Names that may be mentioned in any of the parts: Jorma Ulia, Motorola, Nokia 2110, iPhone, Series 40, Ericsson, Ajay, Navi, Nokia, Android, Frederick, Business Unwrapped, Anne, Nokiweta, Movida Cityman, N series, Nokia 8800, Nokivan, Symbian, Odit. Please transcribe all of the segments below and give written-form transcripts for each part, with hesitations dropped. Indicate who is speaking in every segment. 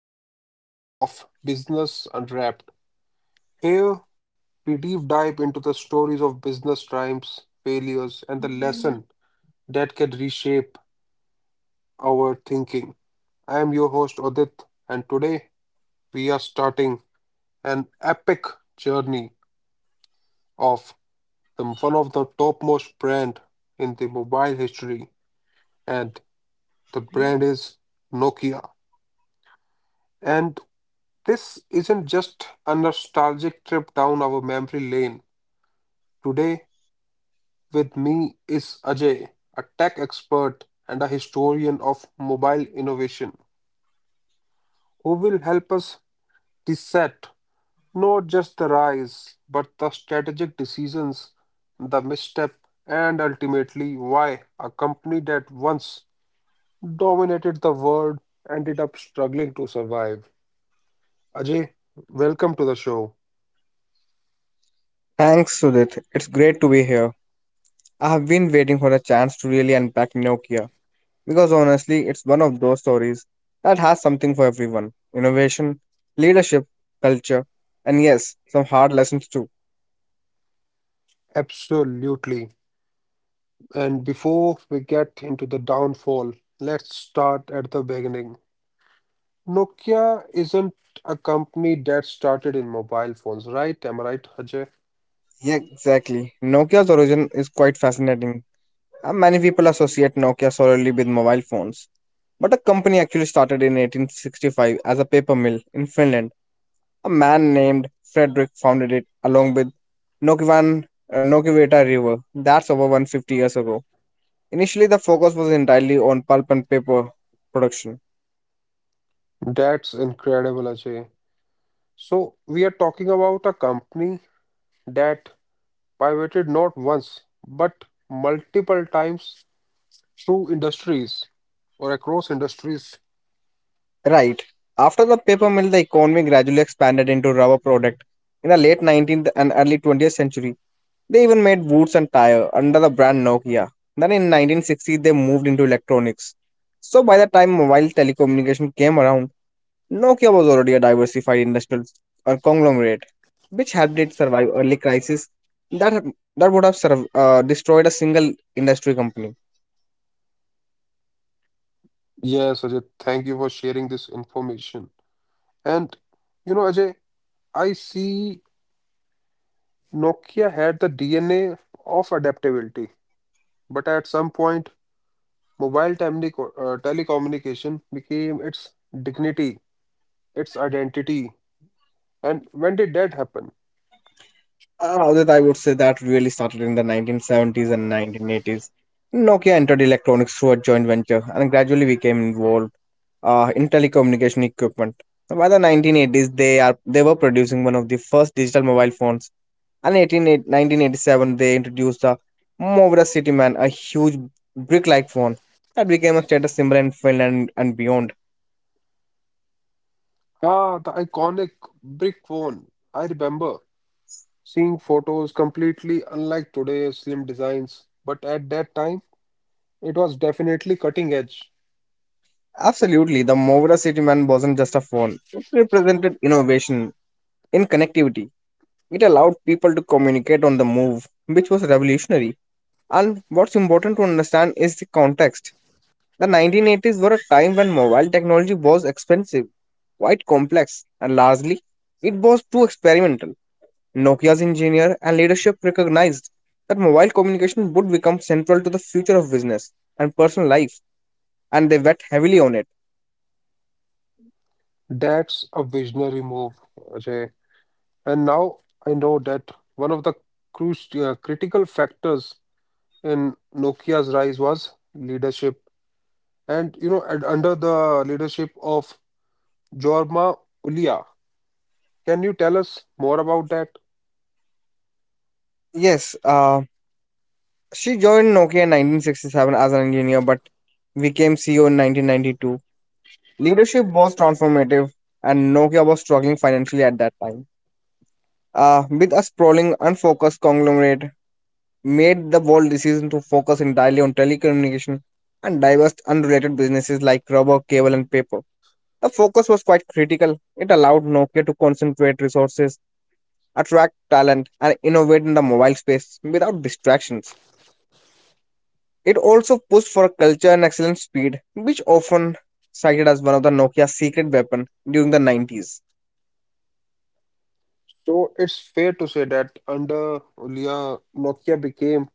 Speaker 1: episode of Business Unwrapped. Here, we deep dive into the stories of business triumphs, failures, and the lesson that can reshape our thinking. I am your host, Odit, and today we are starting an epic journey of one of the topmost brand in the mobile history, and the brand is Nokia. And this isn't just a nostalgic trip down our memory lane. Today, with me is Ajay, a tech expert and a historian of mobile innovation, who will help us dissect not just the rise, but the strategic decisions, the misstep, and ultimately why a company that once dominated the world ended up struggling to survive. Ajay, welcome to the show.
Speaker 2: Thanks, Sudith. It's great to be here. I have been waiting for a chance to really unpack Nokia because honestly, it's one of those stories that has something for everyone innovation, leadership, culture, and yes, some hard lessons too.
Speaker 1: Absolutely. And before we get into the downfall, let's start at the beginning. Nokia isn't a company that started in mobile phones, right? Am I right, Ajay?
Speaker 2: Yeah, exactly. Nokia's origin is quite fascinating. Many people associate Nokia solely with mobile phones, but the company actually started in 1865 as a paper mill in Finland. A man named Frederick founded it along with Nokivan, Nokiweta River. That's over 150 years ago. Initially, the focus was entirely on pulp and paper production.
Speaker 1: That's incredible, Ajay. So we are talking about a company that pivoted not once, but multiple times through industries or across industries.
Speaker 2: Right. After the paper mill, the economy gradually expanded into rubber product. In the late 19th and early 20th century, they even made boots and tire under the brand Nokia. Then in 1960, they moved into electronics. So by the time mobile telecommunication came around, Nokia was already a diversified industrial conglomerate, which helped it survive early crisis that have- that would have destroyed a single industry company.
Speaker 1: Yes, Ajay, thank you for sharing this information. And you know, Ajay, I see Nokia had the DNA of adaptability, but at some point, telecommunication became its dignity, its identity. And when did that happen?
Speaker 2: That I would say that really started in the 1970s and 1980s. Nokia entered electronics through a joint venture and gradually became involved in telecommunication equipment. By the 1980s, they were producing one of the first digital mobile phones. And in 1987, they introduced the Movida Cityman, a huge brick-like phone that became a status symbol in Finland and beyond.
Speaker 1: Ah, the iconic brick phone. I remember seeing photos completely unlike today's slim designs, but at that time, it was definitely cutting edge.
Speaker 2: Absolutely, the Movida Cityman wasn't just a phone. It represented innovation in connectivity. It allowed people to communicate on the move, which was revolutionary. And what's important to understand is the context. The 1980s were a time when mobile technology was expensive, quite complex, and largely it was too experimental. Nokia's engineer and leadership recognized that mobile communication would become central to the future of business and personal life, and they bet heavily on it.
Speaker 1: That's a visionary move, Ajay. And now I know that one of the crucial critical factors in Nokia's rise was leadership. And under the leadership of Jorma Ulia, can you tell us more about that?
Speaker 2: Yes, she joined Nokia in 1967 as an engineer but became CEO in 1992. Leadership was transformative, and Nokia was struggling financially at that time. With a sprawling, unfocused conglomerate, made the bold decision to focus entirely on telecommunication and diverse unrelated businesses like rubber, cable, and paper. The focus was quite critical. It allowed Nokia to concentrate resources, attract talent, and innovate in the mobile space without distractions. It also pushed for culture and excellent speed, which often cited as one of the Nokia's secret weapon during the 90s.
Speaker 1: So it's fair to say that under Ulia, Nokia became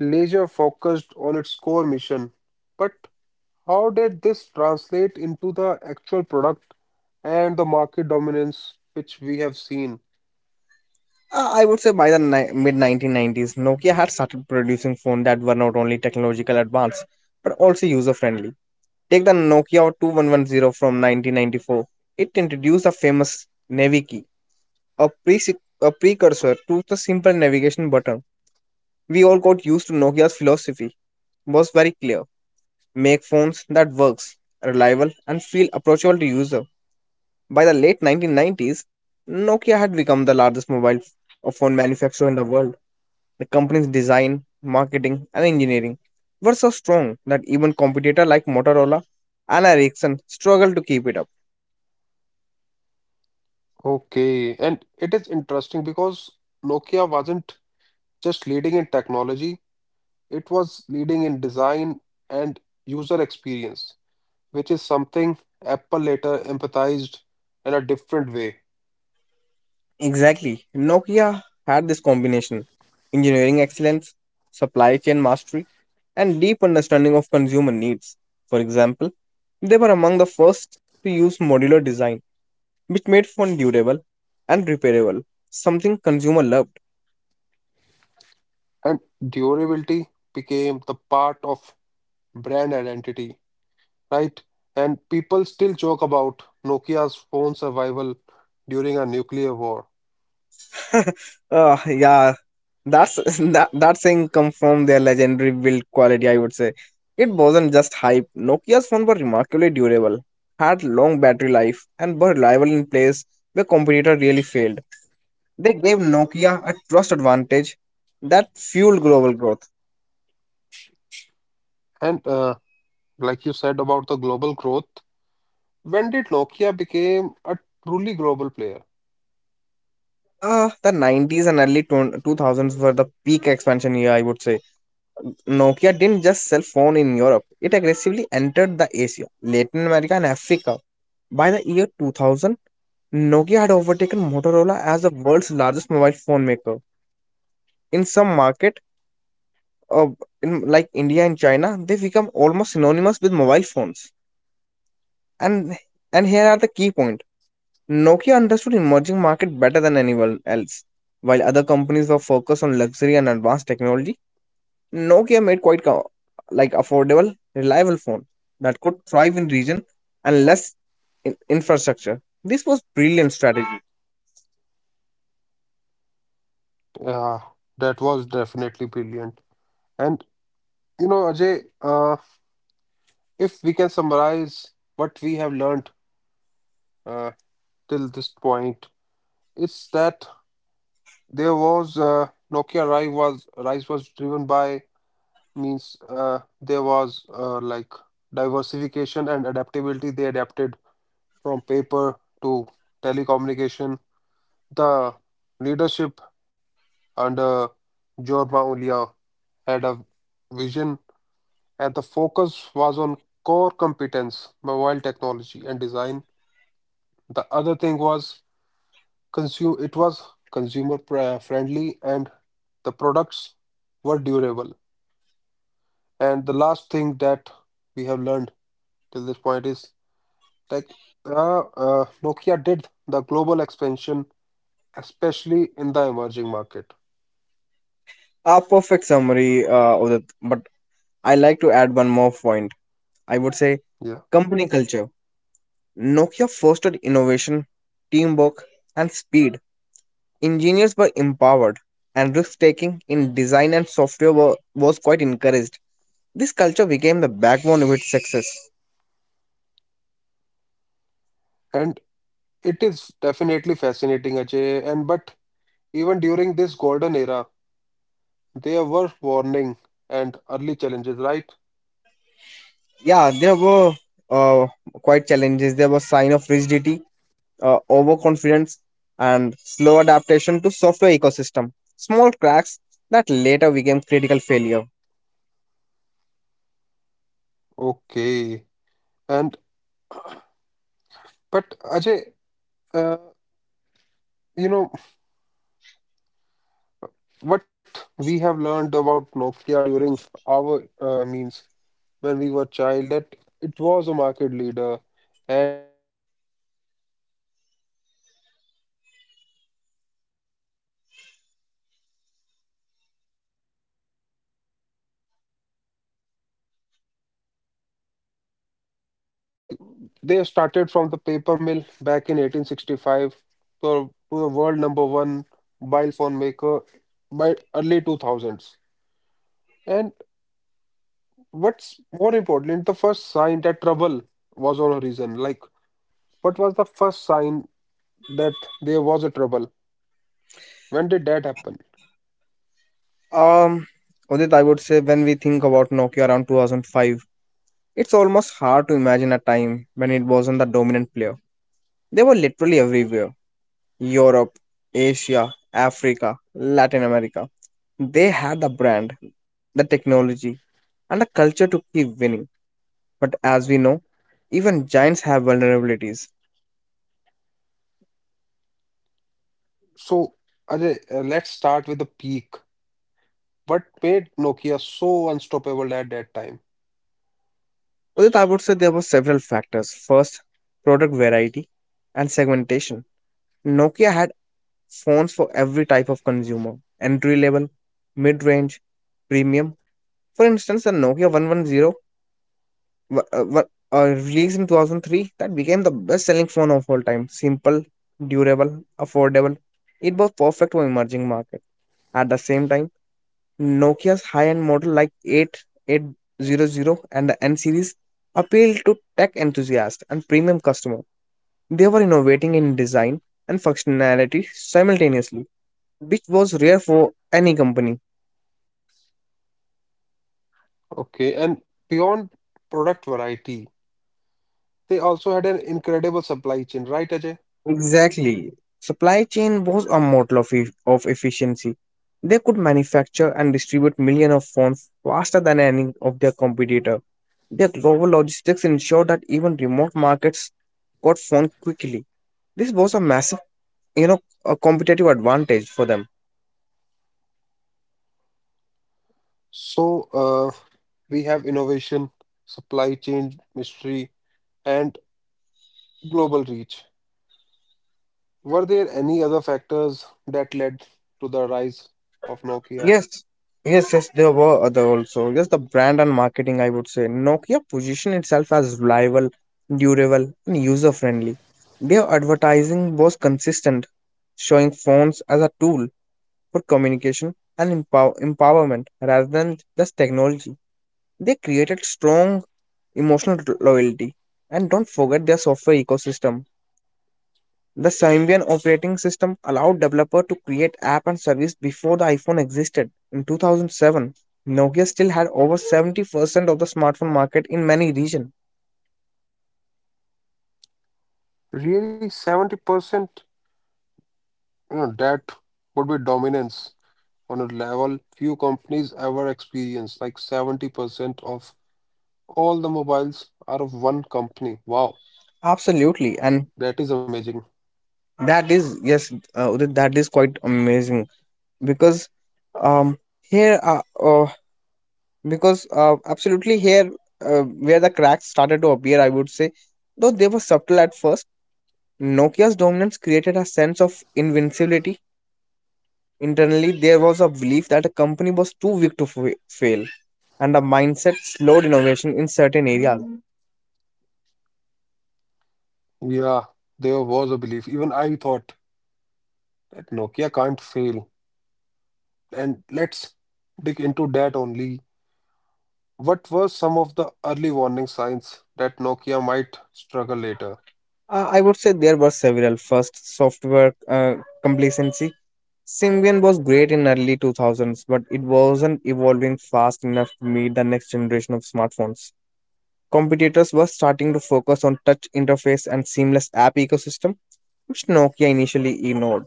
Speaker 1: laser focused on its core mission. But how did this translate into the actual product and the market dominance which we have seen?
Speaker 2: I would say by the mid 1990s, Nokia had started producing phones that were not only technological advanced but also user friendly. Take the Nokia 2110 from 1994. It introduced the famous Navi key, a precursor to the simple navigation button we all got used to. Nokia's philosophy was very clear. Make phones that works, reliable and feel approachable to user. By the late 1990s, Nokia had become the largest mobile phone manufacturer in the world. The company's design, marketing and engineering were so strong that even competitor like Motorola and Ericsson struggled to keep it up.
Speaker 1: Okay, and it is interesting because Nokia wasn't just leading in technology. It was leading in design and user experience, which is something Apple later empathized in a different way.
Speaker 2: Exactly. Nokia had this combination engineering excellence, supply chain mastery, and deep understanding of consumer needs. For example, they were among the first to use modular design, which made phone durable and repairable, something consumer loved.
Speaker 1: And durability became the part of brand identity, right? And people still joke about Nokia's phone survival during a nuclear war.
Speaker 2: Oh, yeah, that's that thing come from their legendary build quality. I would say it wasn't just hype. Nokia's phones were remarkably durable, had long battery life, and were reliable in place where competitor really failed. They gave Nokia a trust advantage that fueled global growth.
Speaker 1: And like you said about the global growth, when did Nokia became a truly global player?
Speaker 2: The 90s and early 2000s were the peak expansion year, I would say. Nokia didn't just sell phone in Europe, it aggressively entered the Asia, Latin America and Africa. By the year 2000, Nokia had overtaken Motorola as the world's largest mobile phone maker. In some market, uh, like India and China, they become almost synonymous with mobile phones. And here are the key point: Nokia understood emerging market better than anyone else. While other companies were focused on luxury and advanced technology, Nokia made like affordable, reliable phone that could thrive in region and less infrastructure. This was brilliant strategy.
Speaker 1: Uh, that was definitely brilliant. And you know, Ajay, if we can summarize what we have learned uh, till this point, it's that there was Nokia rise was driven by means there was like diversification and adaptability. They adapted from paper to telecommunication. The leadership under Jorma Ulia had a vision, and the focus was on core competence, mobile technology and design. The other thing was consume it was consumer pri- friendly and the products were durable and the last thing that we have learned till this point is like nokia did the global expansion especially in the emerging market.
Speaker 2: A perfect summary of that, but I like to add one more point, I would say,
Speaker 1: Yeah,
Speaker 2: company culture. Nokia fostered innovation, teamwork, and speed. Engineers were empowered, and risk taking in design and software was quite encouraged. This culture became the backbone of its success.
Speaker 1: and it is definitely fascinating, Ajay. And but even during this golden era there were warning and early challenges, right?
Speaker 2: Yeah, there were uh, quite challenges. There was sign of rigidity, overconfidence and slow adaptation to software ecosystem, small cracks that later became critical failure.
Speaker 1: Okay. and but ajay uh, you know what we have learned about Nokia during our means when we were child, that it was a market leader. And mm, but when we grow up there was no such growth in the Nokia way. And like uh like they started from the paper mill back in 1865 to the world number one mobile phone maker by early 2000s. And what's more important, the first sign that trouble was on horizon, like, what was the first sign that there was a trouble? When did that happen?
Speaker 2: Um, Udit, I would say when we think about Nokia around 2005, it's almost hard to imagine a time when it wasn't the dominant player. They were literally everywhere Europe, Asia, Africa, Latin America. They had the brand, the technology, and the culture to keep winning. But as we know, even giants have vulnerabilities.
Speaker 1: So, Ajay, let's start with the peak. What made Nokia so unstoppable at that time?
Speaker 2: Udit, I would say there were several factors. First, product variety and segmentation. Nokia had phones for every type of consumer entry level, mid range, premium. For instance, the Nokia 110 wa- uh, wa- released in 2003 that became the best selling phone of all time. Simple, durable, affordable. It was perfect for emerging market. At the same time, Nokia's high end model like 8800 and the N series appealed to tech enthusiasts and premium customers. They were innovating in design and functionality simultaneously, which was rare for any company.
Speaker 1: Okay, and beyond product variety, they also had an incredible supply chain, right, Ajay?
Speaker 2: Exactly. Supply chain was a model of efficiency. They could manufacture and distribute millions of phones faster than any of their competitor. Their global logistics ensured that even remote markets got phones quickly. This was a massive, you know, a competitive advantage for them.
Speaker 1: So, we have innovation, supply chain mystery, and global reach. Were there any other factors that led to the rise of Nokia?
Speaker 2: Yes, yes, there were other also. Yes, the brand and marketing, I would say. Nokia positioned itself as reliable, durable, and user friendly. Their advertising was consistent, showing phones as a tool for communication and empowerment rather than just technology. They created strong emotional loyalty. And don't forget their software ecosystem. The Symbian operating system allowed developers to create app and service before the iPhone existed. In 2007, Nokia still had over 70% of the smartphone market in many regions.
Speaker 1: Really, 70%? You know, that would be dominance on a level few companies ever experience. Like 70% of all the mobiles are of one company. Wow,
Speaker 2: Absolutely, and
Speaker 1: that is amazing.
Speaker 2: that is Udit, that is quite amazing because um here because absolutely here where the cracks started to appear, I would say, though they were subtle at first. Nokia's dominance created a sense of invincibility. Internally, there was a belief that a company was too weak to fail, and a mindset slowed innovation in certain areas.
Speaker 1: Yeah, there was a belief. Even I thought that Nokia can't fail. And let's dig into that only. What were some of the early warning signs that Nokia might struggle later?
Speaker 2: I would say there were several. First, software complacency. Symbian was great in early 2000s, but it wasn't evolving fast enough to meet the next generation of smartphones. Competitors were starting to focus on touch interface and seamless app ecosystem, which Nokia initially ignored.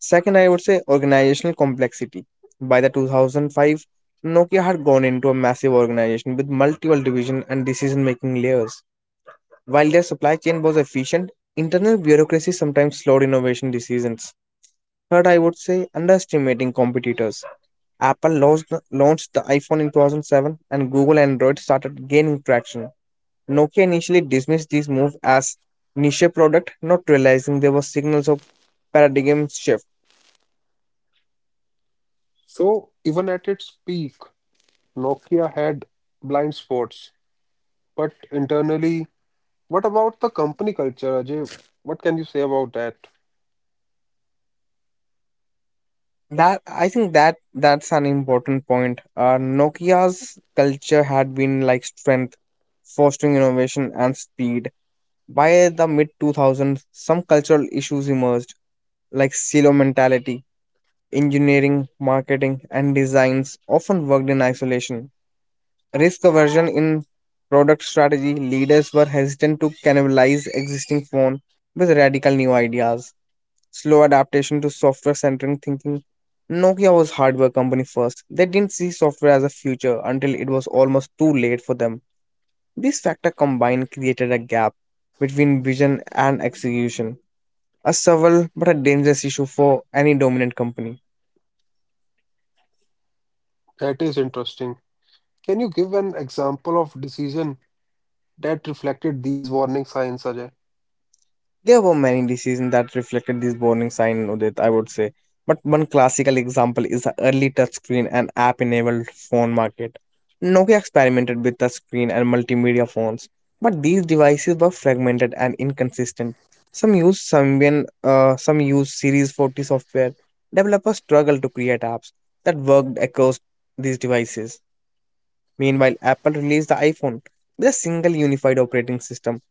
Speaker 2: Second, I would say organizational complexity. By the 2005, Nokia had gone into a massive organization with multiple division and decision making layers. While their supply chain was efficient, internal bureaucracy sometimes slowed innovation decisions. Third, I would say underestimating competitors. Apple launched the iPhone in 2007 and Google Android started gaining traction. Nokia initially dismissed these moves as niche product, not realizing there were signals of paradigm shift.
Speaker 1: So, even at its peak, Nokia had blind spots, but internally, what about the company culture, Ajay? What can you say about that?
Speaker 2: That I think that's an important point. Nokia's culture had been like strength, fostering innovation and speed. By the mid 2000s, some cultural issues emerged, like silo mentality. Engineering, marketing, and designs often worked in isolation. Risk aversion in product strategy, leaders were hesitant to cannibalize existing phone with radical new ideas, slow adaptation to software centric thinking. Nokia was hardware company first. They didn't see software as a future until it was almost too late for them. These factors combined created a gap between vision and execution, a subtle but a dangerous issue for any dominant company.
Speaker 1: That is interesting. Can you give an example of decision that reflected these warning signs, Ajay?
Speaker 2: There were many decisions that reflected this warning sign, Udit, I would say. But one classical example is the early touchscreen and app enabled phone market. Nokia experimented with touchscreen and multimedia phones, but these devices were fragmented and inconsistent. Some used Symbian, some used Series 40 software. Developers struggled to create apps that worked across these devices. Meanwhile, Apple released the iPhone with a single unified operating system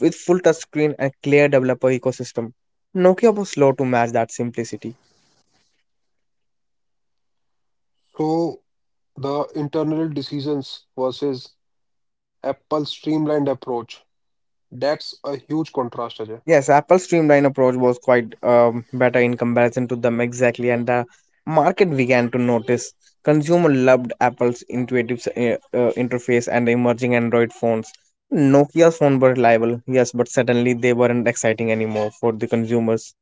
Speaker 2: with full touchscreen and clear developer ecosystem. Nokia was slow to match that simplicity.
Speaker 1: So, the internal decisions versus Apple's streamlined approach. That's a huge contrast, Ajay.
Speaker 2: Yes, Apple's streamlined approach was quite better in comparison to them exactly, and the market began to notice. Consumer loved Apple's intuitive interface and the emerging Android phones. Nokia's phones were reliable, yes, but suddenly they weren't exciting anymore for the consumers.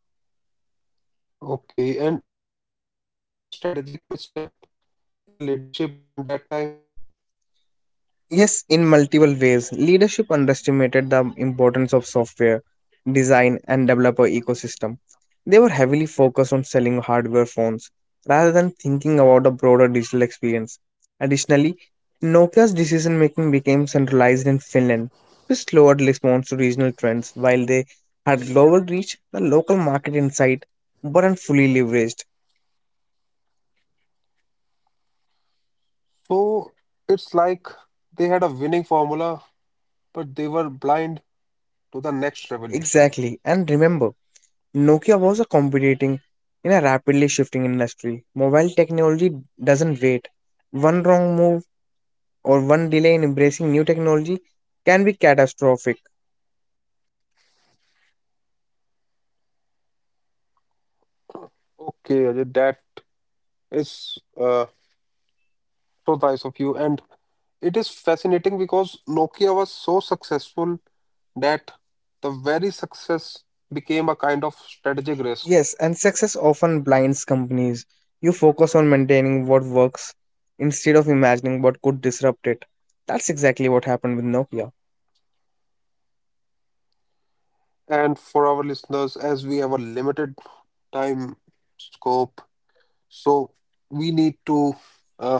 Speaker 1: Okay, and was there also a strategic misstep in the leadership around that time?
Speaker 2: Yes, in multiple ways. Leadership underestimated the importance of software, design, and developer ecosystem. They were heavily focused on selling hardware phones rather than thinking about the broader digital experience. Additionally, Nokia's decision making became centralized in Finland, which slowed response to regional trends while they had global reach, the local market insight weren't fully leveraged.
Speaker 1: So it's like they had a winning formula, but they were blind to the next revolution.
Speaker 2: Exactly, and remember, Nokia was a competing in a rapidly shifting industry. Mobile technology doesn't wait. One wrong move or one delay in embracing new technology can be catastrophic.
Speaker 1: Okay, Ajay, that is so nice of you. And it is fascinating because Nokia was so successful that the very success became a kind of strategic risk.
Speaker 2: Yes, and success often blinds companies. You focus on maintaining what works instead of imagining what could disrupt it. That's exactly what happened with Nokia.
Speaker 1: And for our listeners, as we have a limited time scope, so we need to uh,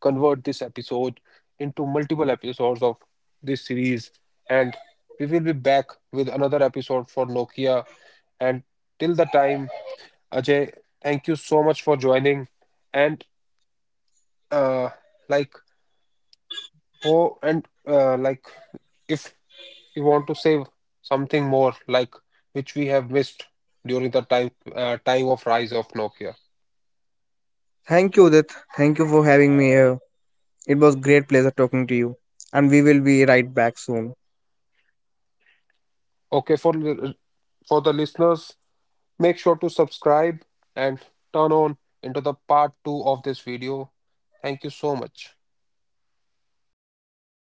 Speaker 1: convert this episode into multiple episodes of this series. And we will be back with another episode for Nokia. And till the time, Ajay, thank you so much for joining. And uh, like for and like if you want to say something more, like which we have missed during the time of rise of Nokia.
Speaker 2: Thank you, Udit. Thank you for having me here. It was great pleasure talking to you, and we will be right back soon.
Speaker 1: Okay, for the listeners, make sure to subscribe and turn on into the part two of this video. Thank you so much.